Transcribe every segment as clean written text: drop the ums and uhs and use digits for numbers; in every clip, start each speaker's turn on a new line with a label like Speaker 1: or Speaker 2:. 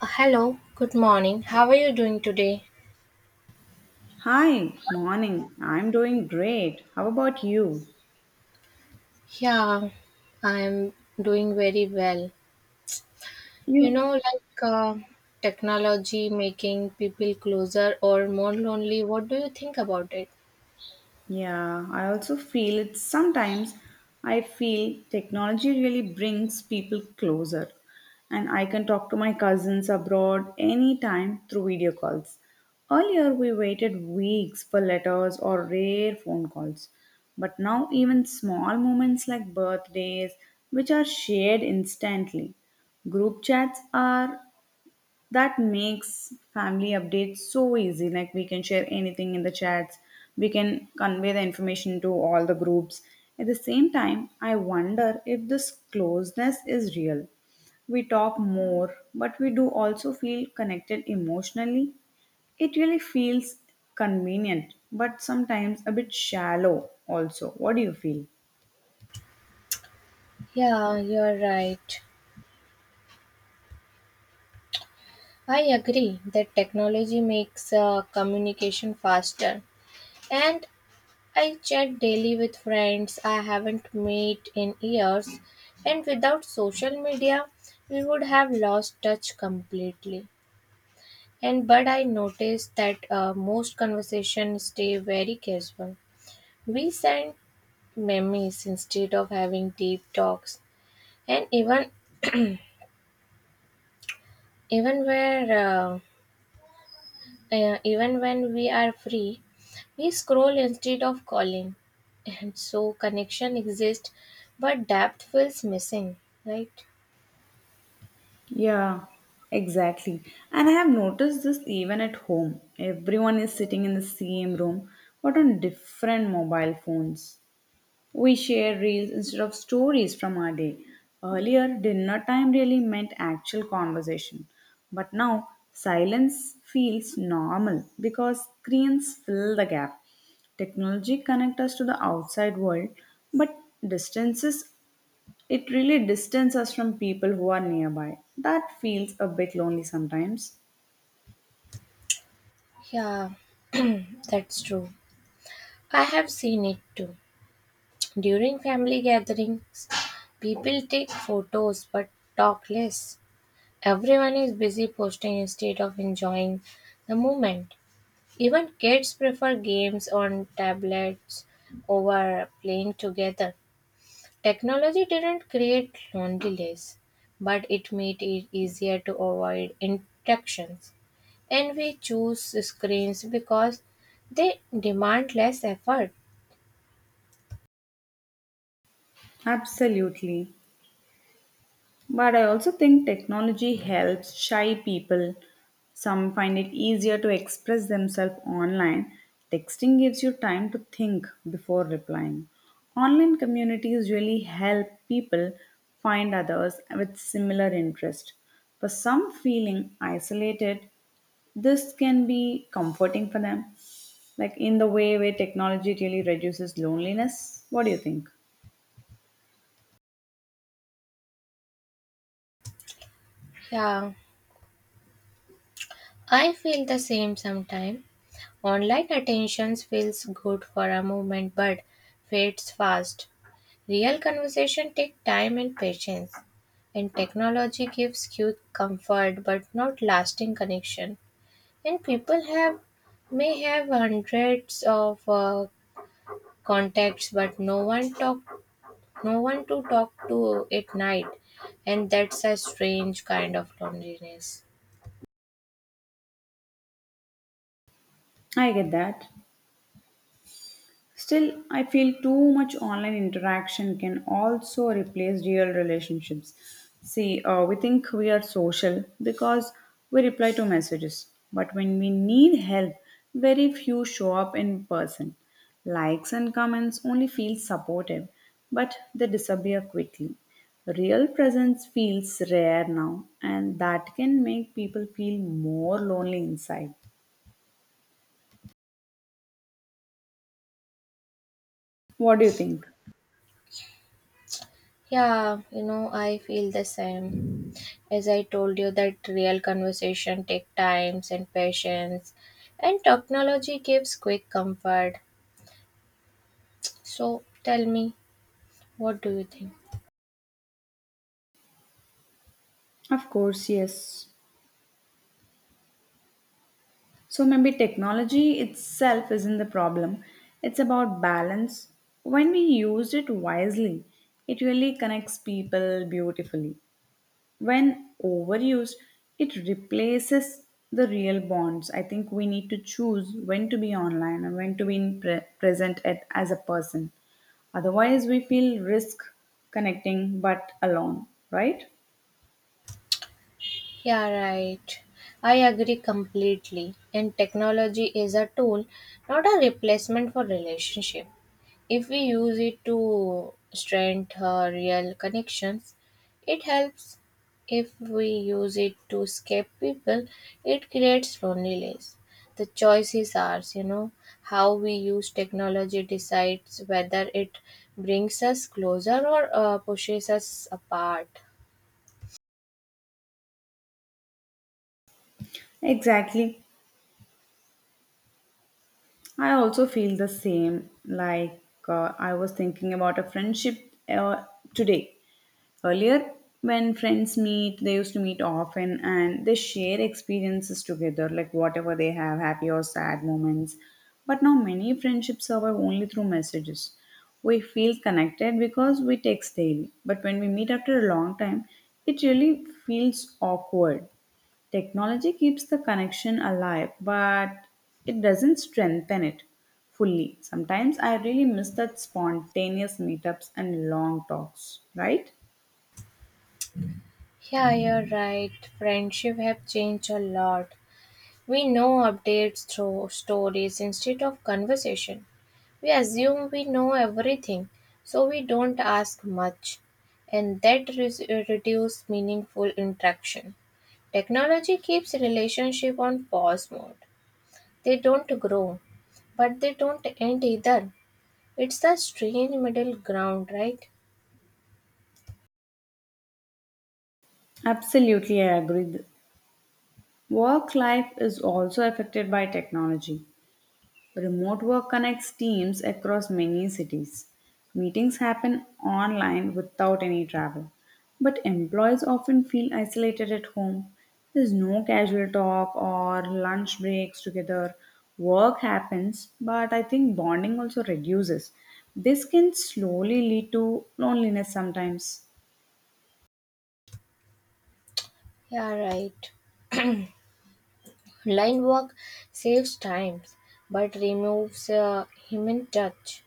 Speaker 1: Hello, good morning. How are you doing today?
Speaker 2: Hi, morning. I'm doing great. How about you?
Speaker 1: Yeah, I'm doing very well. You
Speaker 2: You?
Speaker 1: know, like uh, Technology making people closer or more lonely. What do you think about it?
Speaker 2: Yeah, I also feel it sometimes. I feel technology really brings people closer, and I can talk to my cousins abroad anytime through video calls. Earlier, we waited weeks for letters or rare phone calls, but now, even small moments like birthdays, which are shared instantly. Group chats are that makes family updates so easy, like we can share anything in the chats. We can convey the information to all the groups at the same time. I wonder if this closeness is real. We talk more, but we do also feel connected emotionally. It really feels convenient, but sometimes a bit shallow also. What do you feel?
Speaker 1: Yeah, you're right. I agree that technology makes communication faster. And I chat daily with friends I haven't met in years. And without social media, we would have lost touch completely. And but I noticed that most conversations stay very casual. We send memes instead of having deep talks, and even where uh, even when we are free, we scroll instead of calling, and so connection exists, but depth feels missing. Right?
Speaker 2: Yeah, exactly. And I have noticed this even at home. Everyone is sitting in the same room, but on different mobile phones. We share reels instead of stories from our day. Earlier, dinner time really meant actual conversation, but now silence feels normal because screens fill the gap. Technology connects us to the outside world, but distances, it really distances us from people who are nearby. That feels a bit lonely sometimes.
Speaker 1: Yeah, that's true. I have seen it too. During family gatherings, people take photos but talk less. Everyone is busy posting instead of enjoying the moment. Even kids prefer games on tablets over playing together. Technology didn't create loneliness, but it made it easier to avoid interactions. And we choose screens because they demand less effort.
Speaker 2: Absolutely. But I also think technology helps shy people. Some find it easier to express themselves online. Texting gives you time to think before replying. Online communities really help people find others with similar interest. For some feeling isolated, this can be comforting for them. Like in the way where technology really reduces loneliness. What do you think?
Speaker 1: Yeah, I feel the same sometimes. Online attention feels good for a moment but fades fast. Real conversation take time and patience, and technology gives cute comfort but not lasting connection. And people have may have hundreds of contacts, but no one talk, no one to talk to at night, and that's a strange kind of loneliness.
Speaker 2: I get that. Still, I feel too much online interaction can also replace real relationships. See, we think we are social because we reply to messages, but when we need help, very few show up in person. Likes and comments only feel supportive, but they disappear quickly. Real presence feels rare now, and that can make people feel more lonely inside. What do you think?
Speaker 1: Yeah, you know, I feel the same. As I told you, that real conversation take times and patience, and technology gives quick comfort. So tell me, what do you think?
Speaker 2: Of course, yes. So maybe technology itself isn't the problem. It's about balance. When we use it wisely, it really connects people beautifully. When overused, it replaces the real bonds. I think we need to choose when to be online and when to be in present at, as a person. Otherwise, we feel risk connecting but alone, right?
Speaker 1: Yeah, right. I agree completely. And technology is a tool, not a replacement for relationship. If we use it to strengthen our real connections, it helps. If we use it to escape people, it creates loneliness. The choice is ours, you know. How we use technology decides whether it brings us closer or pushes us apart.
Speaker 2: Exactly. I also feel the same. I was thinking about a friendship today. Earlier, when friends meet, they used to meet often and they share experiences together, like whatever they have, happy or sad moments. But now, many friendships survive only through messages. We feel connected because we text daily, but when we meet after a long time, it really feels awkward. Technology keeps the connection alive, but it doesn't strengthen it fully. Sometimes I really miss that spontaneous meetups and long talks, right?
Speaker 1: Yeah, you're right. Friendship have changed a lot. We know updates through stories instead of conversation. We assume we know everything, so we don't ask much, and reduces meaningful interaction. Technology keeps relationship on pause mode. They don't grow, but they don't end either. It's the strange middle ground, right?
Speaker 2: Absolutely, I agree. Work life is also affected by technology. Remote work connects teams across many cities. Meetings happen online without any travel. But employees often feel isolated at home. There's no casual talk or lunch breaks together. Work happens, but I think bonding also reduces. This can slowly lead to loneliness sometimes.
Speaker 1: Yeah, right. Line work saves time, but removes a human touch.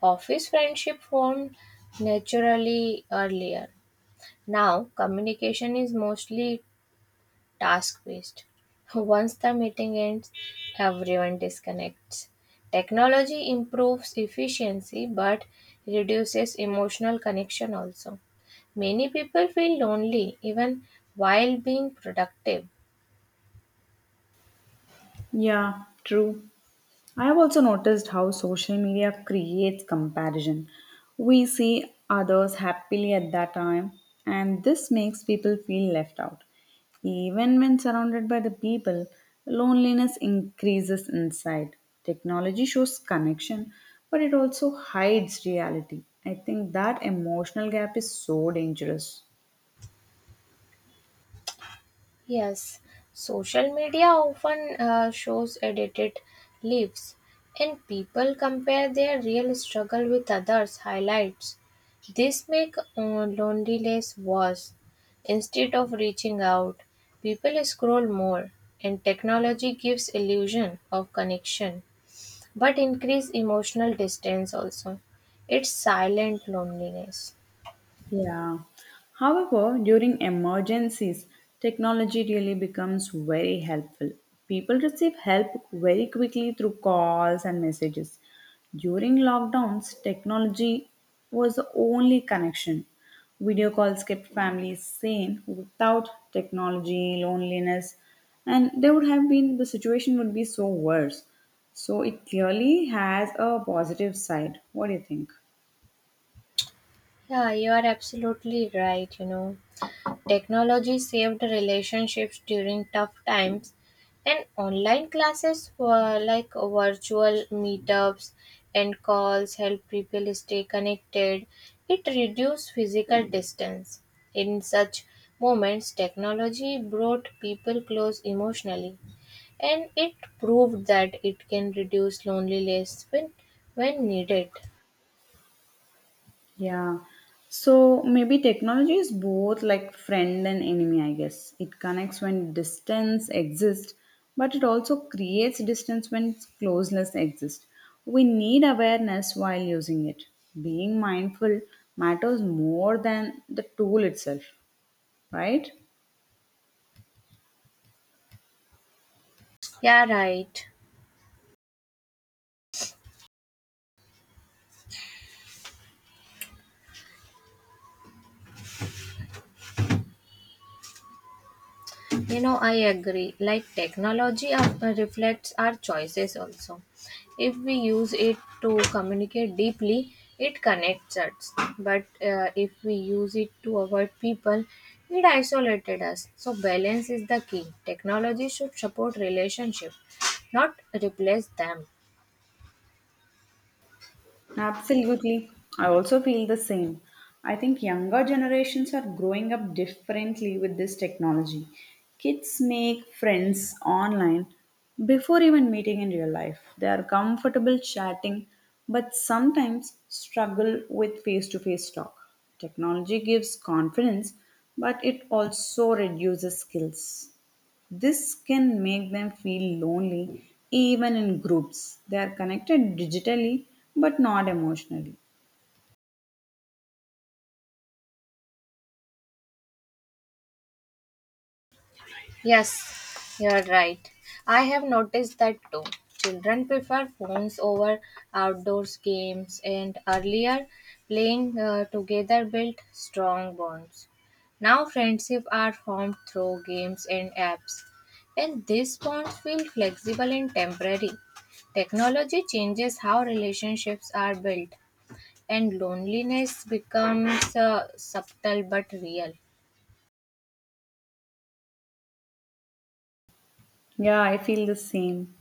Speaker 1: Office friendship formed naturally earlier. Now, communication is mostly task based. Once the meeting ends, everyone disconnects. Technology improves efficiency but reduces emotional connection also. Many people feel lonely even while being productive.
Speaker 2: Yeah, true. I have also noticed how social media creates comparison. We see others happily at that time, and this makes people feel left out. Even when surrounded by the people, loneliness increases inside. Technology shows connection, but it also hides reality. I think that emotional gap is so dangerous.
Speaker 1: Yes, social media often shows edited lives, and people compare their real struggle with others' highlights. This makes loneliness worse. Instead of reaching out, people scroll more, and technology gives illusion of connection, but increase emotional distance also. It's silent loneliness.
Speaker 2: Yeah. However, during emergencies, technology really becomes very helpful. People receive help very quickly through calls and messages. During lockdowns, technology was the only connection. Video calls kept families sane. Without technology, loneliness, and there would have been the situation would be so worse. So it clearly has a positive side. What do you think?
Speaker 1: Yeah, you are absolutely right. You know, technology saved relationships during tough times, and online classes were like virtual meetups and calls help people stay connected. It reduced physical distance. In such moments, technology brought people close emotionally, and it proved that it can reduce loneliness when needed.
Speaker 2: Yeah. So maybe technology is both like friend and enemy, I guess. It connects when distance exists, but it also creates distance when closeness exists. We need awareness while using it. Being mindful matters more than the tool itself, right?
Speaker 1: Yeah, right. You know, I agree. Like technology reflects our choices also. If we use it to communicate deeply, it connects us. But if we use it to avoid people, it isolated us. So balance is the key. Technology should support relationship, not replace them.
Speaker 2: Absolutely. I also feel the same. I think younger generations are growing up differently with this technology. Kids make friends online before even meeting in real life. They are comfortable chatting but sometimes struggle with face to face talk. Technology gives confidence but it also reduces skills. This can make them feel lonely even in groups. They are connected digitally but not emotionally.
Speaker 1: Yes, you're right. I have noticed that too. Children prefer phones over outdoors games, and earlier playing together built strong bonds. Now friendship are formed through games and apps, and these bonds feel flexible and temporary. Technology changes how relationships are built, and loneliness becomes subtle but real.
Speaker 2: Yeah, I feel the same.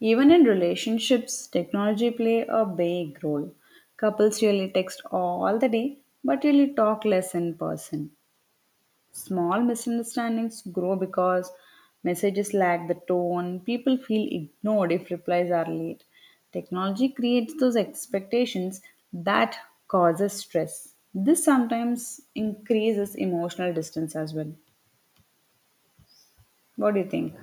Speaker 2: Even in relationships, technology play a big role. Couples really text all the day but really talk less in person. Small misunderstandings grow because messages lack the tone. People feel ignored if replies are late. Technology creates those expectations that causes stress. This sometimes increases emotional distance as well. What do you think?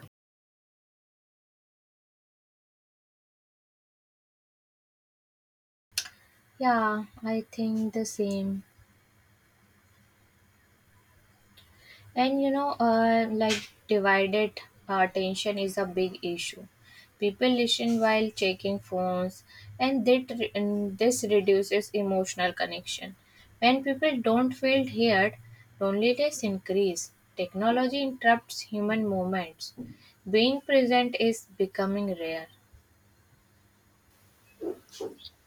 Speaker 1: Yeah, I think the same. And you know, like divided attention is a big issue. People listen while checking phones, and this reduces emotional connection. When people don't feel heard, loneliness increases. Technology interrupts human moments. Being present is becoming rare.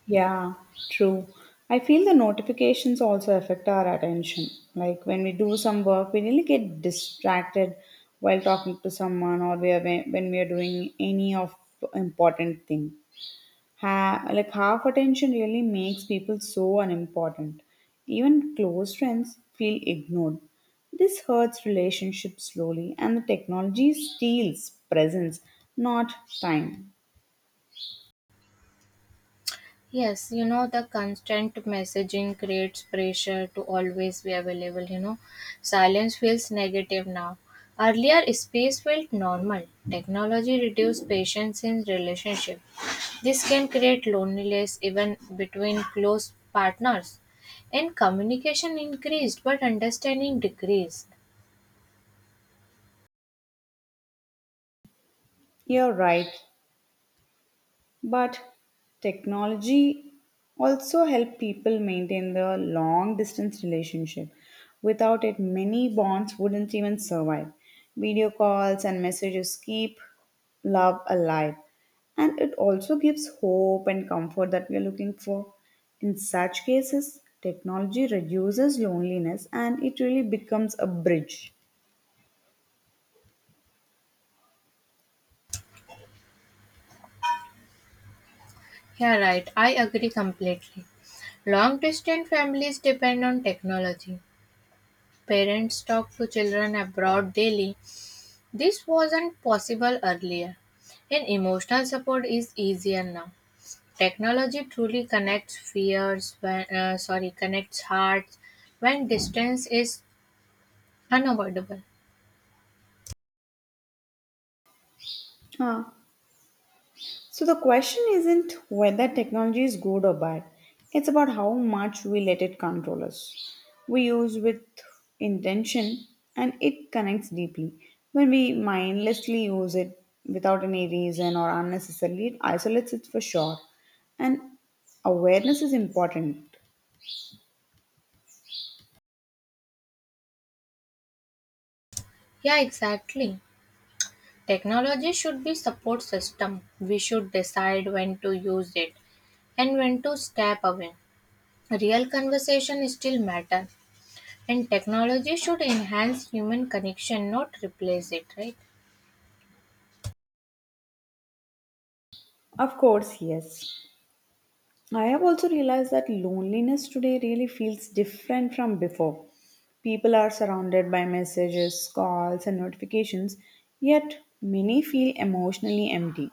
Speaker 2: Yeah, true. I feel the notifications also affect our attention. Like when we do some work, we really get distracted while talking to someone, or we are, when we are doing any of important thing. Like half attention really makes people so unimportant. Even close friends feel ignored. This hurts relationships slowly, and the technology steals presence, not time.
Speaker 1: Yes, you know, the constant messaging creates pressure to always be available. You know, silence feels negative now. Earlier, space felt normal. Technology reduced patience in relationship. This can create loneliness even between close partners. And communication increased, but understanding decreased.
Speaker 2: You're right. But technology also help people maintain the long distance relationship. Without it, many bonds wouldn't even survive. Video calls and messages keep love alive. And it also gives hope and comfort that we are looking for. In such cases, technology reduces loneliness and it really becomes a bridge.
Speaker 1: Yeah, right. I agree completely. Long distance families depend on technology. Parents talk to children abroad daily. This wasn't possible earlier, and emotional support is easier now. Technology truly connects fears when sorry Connects hearts when distance is unavoidable.
Speaker 2: Huh. So the question isn't whether technology is good or bad. It's about how much we let it control us. We use with intention and it connects deeply. When we mindlessly use it without any reason or unnecessarily, it isolates it for sure. And awareness is important.
Speaker 1: Yeah, exactly. Technology should be support system. We should decide when to use it and when to step away. Real conversation still matter and technology should enhance human connection not replace it, right?
Speaker 2: Of course, yes. I have also realized that loneliness today really feels different from before. People are surrounded by messages, calls, and notifications, yet, many feel emotionally empty.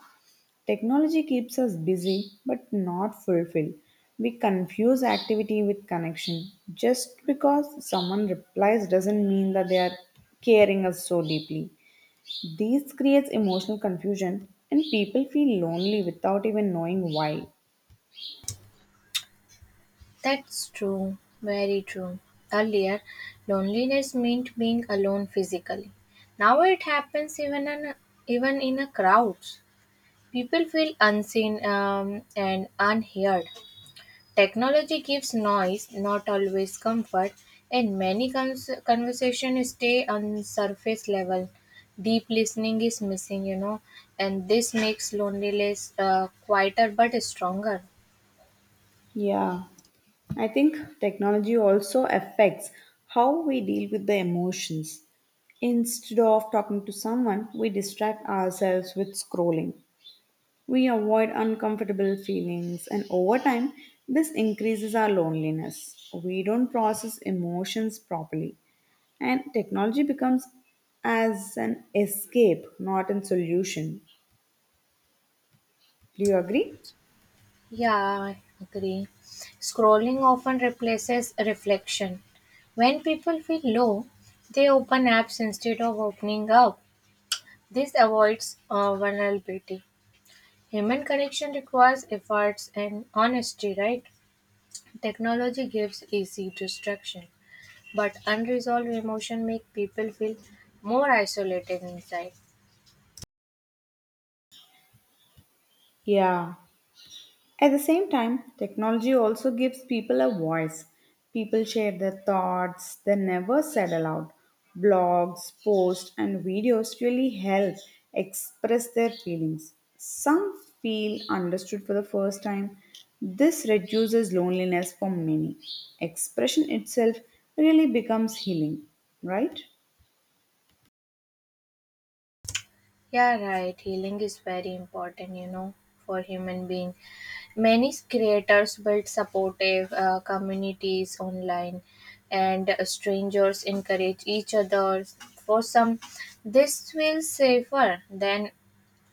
Speaker 2: Technology keeps us busy but not fulfilled. We confuse activity with connection. Just because someone replies doesn't mean that they are caring us so deeply. This creates emotional confusion, and people feel lonely without even knowing why.
Speaker 1: That's true, very true. Earlier, loneliness meant being alone physically. Now it happens even in a crowds. People feel unseen and unheard. Technology gives noise, not always comfort, and conversations stay on surface level. Deep listening is missing, you know, and this makes loneliness quieter but stronger.
Speaker 2: Yeah, I think technology also affects how we deal with the emotions. Instead of talking to someone, we distract ourselves with scrolling. We avoid uncomfortable feelings, and over time, this increases our loneliness. We don't process emotions properly, and technology becomes as an escape, not a solution. Do you agree?
Speaker 1: Yeah, I agree. Scrolling often replaces reflection. When people feel low, they open apps instead of opening up. This avoids vulnerability. Human connection requires efforts and honesty, right? Technology gives easy distraction, but unresolved emotion make people feel more isolated inside.
Speaker 2: Yeah. At the same time, technology also gives people a voice. People share their thoughts they never said aloud. Blogs, posts, and videos really help express their feelings. Some feel understood for the first time. This reduces loneliness for many. Expression itself really becomes healing, right?
Speaker 1: Yeah, right. Healing is very important, you know, for human being. Many creators build supportive communities online, and strangers encourage each other. For some, this feels safer than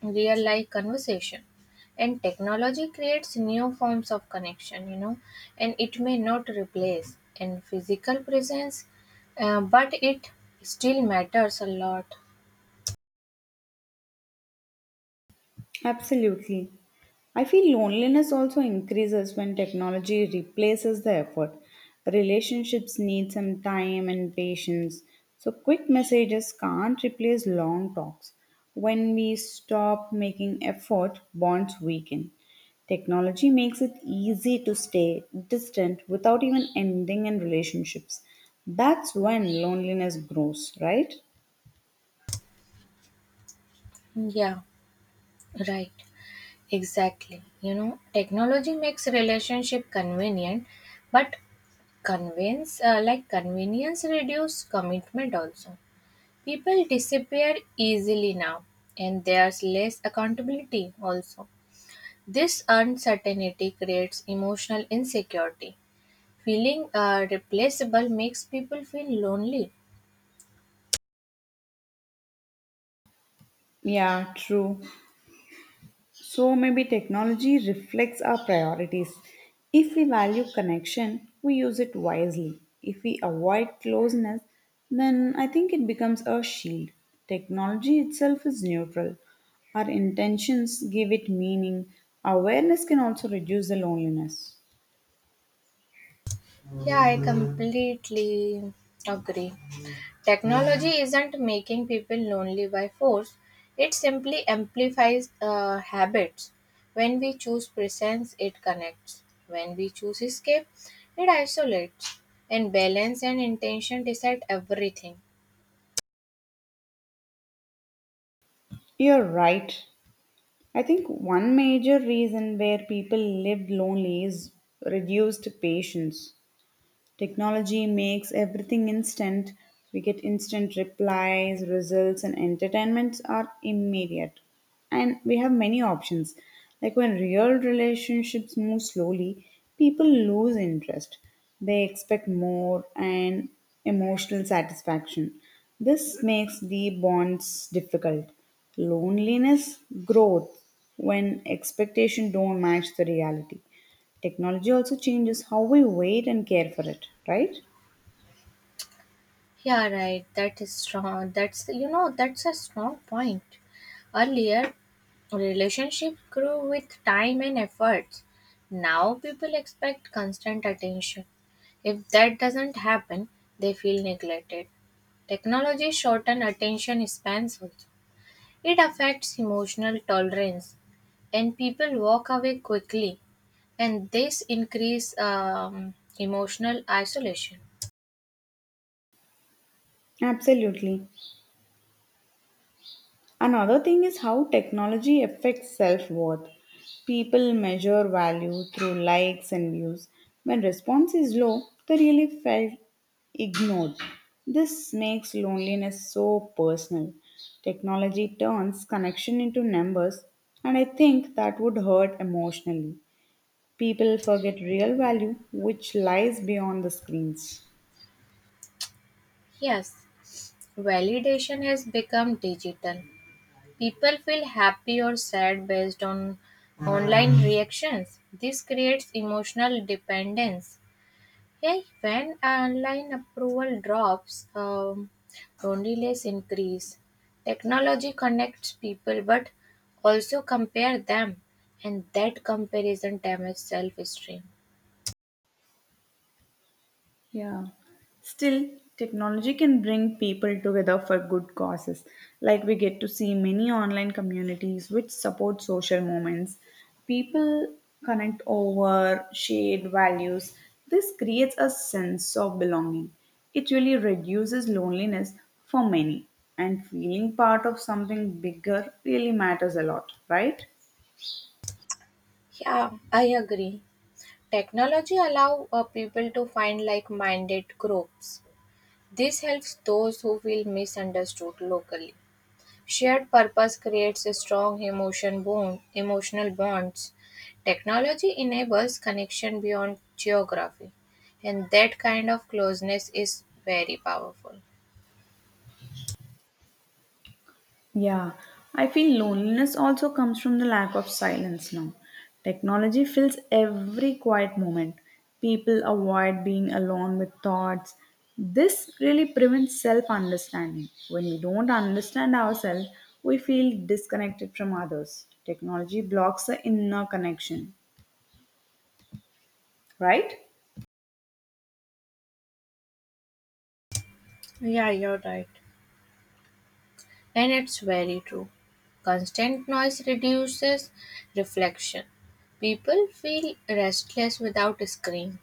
Speaker 1: real life conversation. And technology creates new forms of connection, you know, and it may not replace in physical presence, but it still matters a lot.
Speaker 2: Absolutely. I feel loneliness also increases when technology replaces the effort. Relationships need some time and patience. So, quick messages can't replace long talks. When we stop making effort, bonds weaken. Technology makes it easy to stay distant without even ending in relationships. That's when loneliness grows, right?
Speaker 1: Yeah, right. Exactly. You know, technology makes relationship convenient, but convenience, reduce commitment also. People disappear easily now, and there's less accountability also. This uncertainty creates emotional insecurity. Feeling replaceable makes people feel lonely.
Speaker 2: Yeah, true. So maybe technology reflects our priorities. If we value connection, we use it wisely. If we avoid closeness, then I think it becomes a shield. Technology itself is neutral. Our intentions give it meaning. Awareness can also reduce the loneliness.
Speaker 1: Yeah, I completely agree. Technology isn't making people lonely by force, it simply amplifies habits. When we choose presence, it connects. When we choose escape, it isolates. And balance and intention decide everything.
Speaker 2: You're right. I think one major reason where people live lonely is reduced patience. Technology makes everything instant. We get instant replies, results, and entertainments are immediate. And we have many options. Like when real relationships move slowly, people lose interest. They expect more and emotional satisfaction. This makes deep bonds difficult. Loneliness growth, when expectation don't match the reality. Technology also changes how we wait and care for it, right?
Speaker 1: Yeah, right. That is strong. That's you know That's a strong point. Earlier, relationship grew with time and efforts. Now people expect constant attention. If that doesn't happen, they feel neglected. Technology shorten attention spans also. It affects emotional tolerance, and people walk away quickly, and this increase emotional isolation.
Speaker 2: Absolutely. Another thing is how technology affects self worth. People measure value through likes and views. When response is low, they really felt ignored. This makes loneliness so personal. Technology turns connection into numbers, and I think that would hurt emotionally. People forget real value, which lies beyond the screens.
Speaker 1: Yes. Validation has become digital. People feel happy or sad based on online reactions. This creates emotional dependence. Hey, when online approval drops, loneliness increase. Technology connects people but also compare them and that comparison damages self-esteem.
Speaker 2: Yeah. Still, technology can bring people together for good causes. Like we get to see many online communities which support social movements. People connect over shared values. This creates a sense of belonging. It really reduces loneliness for many. And feeling part of something bigger really matters a lot, right?
Speaker 1: Yeah, I agree. Technology allow people to find like-minded groups. This helps those who feel misunderstood locally. Shared purpose creates a strong emotion bond, Emotional bonds. Technology enables connection beyond geography, and that kind of closeness is very powerful.
Speaker 2: Yeah, I feel loneliness also comes from the lack of silence now. Technology fills every quiet moment. People avoid being alone with thoughts. This really prevents self understanding. When we don't understand ourselves, we feel disconnected from others. Technology blocks the inner connection, right?
Speaker 1: Yeah, you're right. And it's very true. Constant noise reduces reflection. People feel restless without screens.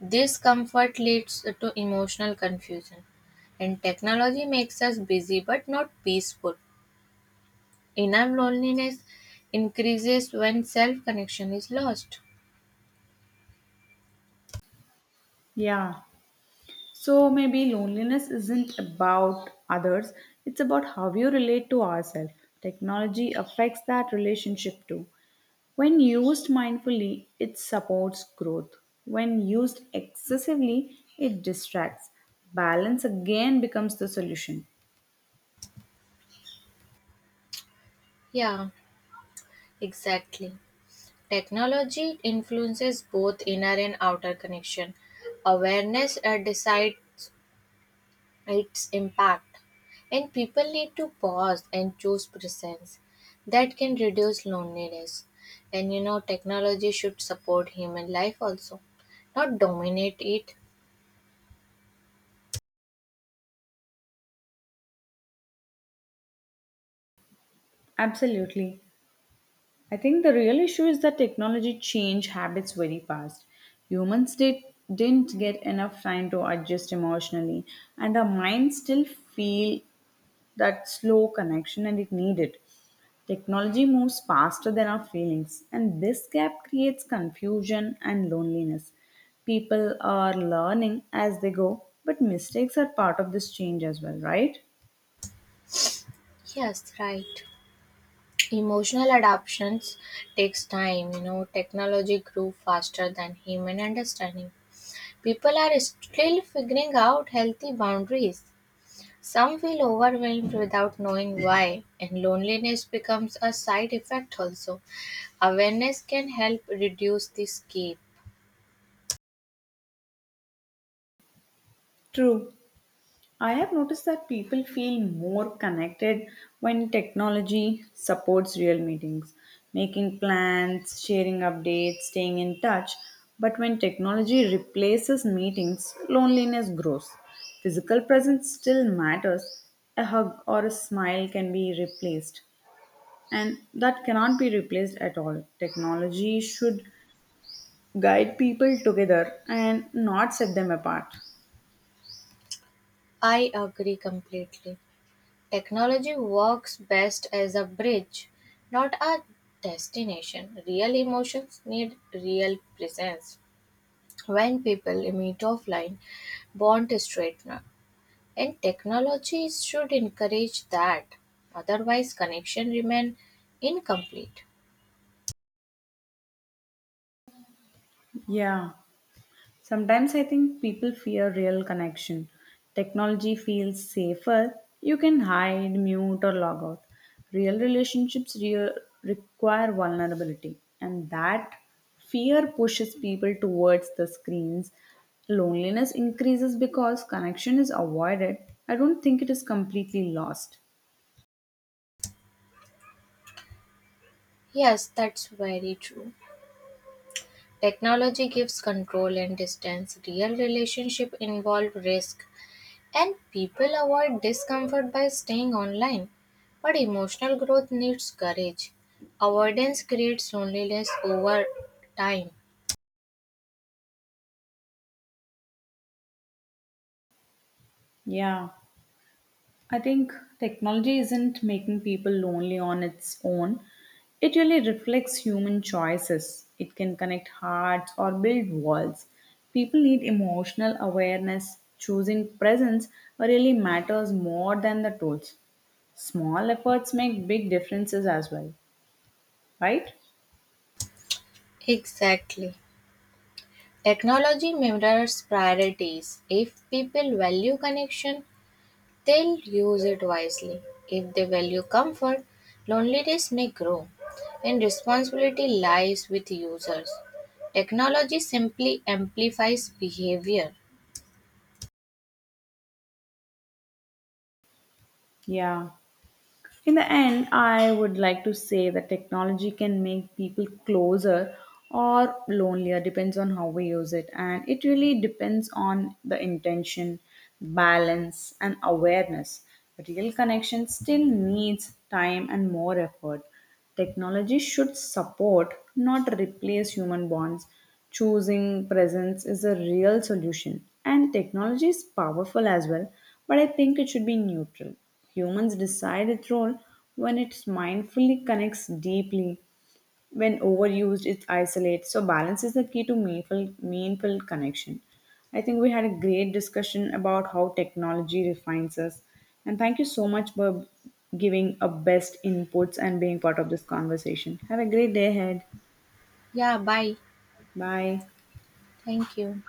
Speaker 1: This comfort leads to emotional confusion, and technology makes us busy but not peaceful. Inner loneliness increases when self connection is lost.
Speaker 2: Yeah. So maybe loneliness isn't about others, it's about how you relate to ourselves. Technology affects that relationship too. When used mindfully, it supports growth. When used excessively, it distracts. Balance again becomes the solution.
Speaker 1: Yeah, exactly. Technology influences both inner and outer connection. Awareness decides its impact. And people need to pause and choose presence that can reduce loneliness. And you know, technology should support human life also, not dominate it.
Speaker 2: Absolutely. I think the real issue is that technology changed habits very fast. Humans did, didn't get enough time to adjust emotionally, and our minds still feel that slow connection and it needed. Technology moves faster than our feelings, and this gap creates confusion and loneliness. People are learning as they go, but mistakes are part of this change as well, right?
Speaker 1: Yes, right. Emotional adaptations takes time. You know, technology grew faster than human understanding. People are still figuring out healthy boundaries. Some feel overwhelmed without knowing why, and loneliness becomes a side effect also. Awareness can help reduce this gap.
Speaker 2: True. I have noticed that people feel more connected when technology supports real meetings, making plans, sharing updates, staying in touch. But when technology replaces meetings, loneliness grows. Physical presence still matters. A hug or a smile can be replaced, and that cannot be replaced at all. Technology should guide people together and not set them apart.
Speaker 1: I agree completely. Technology works best as a bridge, not a destination. Real emotions need real presence. When people meet offline, bond is straightener, and technology should encourage that. Otherwise, connection remain incomplete.
Speaker 2: Yeah. Sometimes I think people fear real connection. Technology feels safer. You can hide, mute, or log out. Real relationships require vulnerability, and that fear pushes people towards the screens. Loneliness increases because connection is avoided. I don't think it is completely lost.
Speaker 1: Yes, that's very true. Technology gives control and distance. Real relationship involve risk, and people avoid discomfort by staying online. But emotional growth needs courage. Avoidance creates loneliness over time.
Speaker 2: Yeah. I think technology isn't making people lonely on its own. It really reflects human choices. It can connect hearts or build walls. People need emotional awareness. Choosing presence really matters more than the tools. Small efforts make big differences as well, right?
Speaker 1: Exactly. Technology mirrors priorities. If people value connection, they'll use it wisely. If they value comfort, loneliness may grow, and responsibility lies with users. Technology simply amplifies behavior.
Speaker 2: Yeah. In the end, I would like to say that technology can make people closer or lonelier, depends on how we use it. And it really depends on the intention, balance, and awareness. Real connection still needs time and more effort. Technology should support, not replace human bonds. Choosing presence is a real solution. And technology is powerful as well, but I think it should be neutral. Humans decide its role, when it mindfully connects deeply, when overused it isolates. So balance is the key to meaningful connection. I think we had a great discussion about how technology refines us, and thank you so much for giving a best inputs and being part of this conversation. Have a great day ahead.
Speaker 1: Yeah, bye.
Speaker 2: Bye.
Speaker 1: Thank you.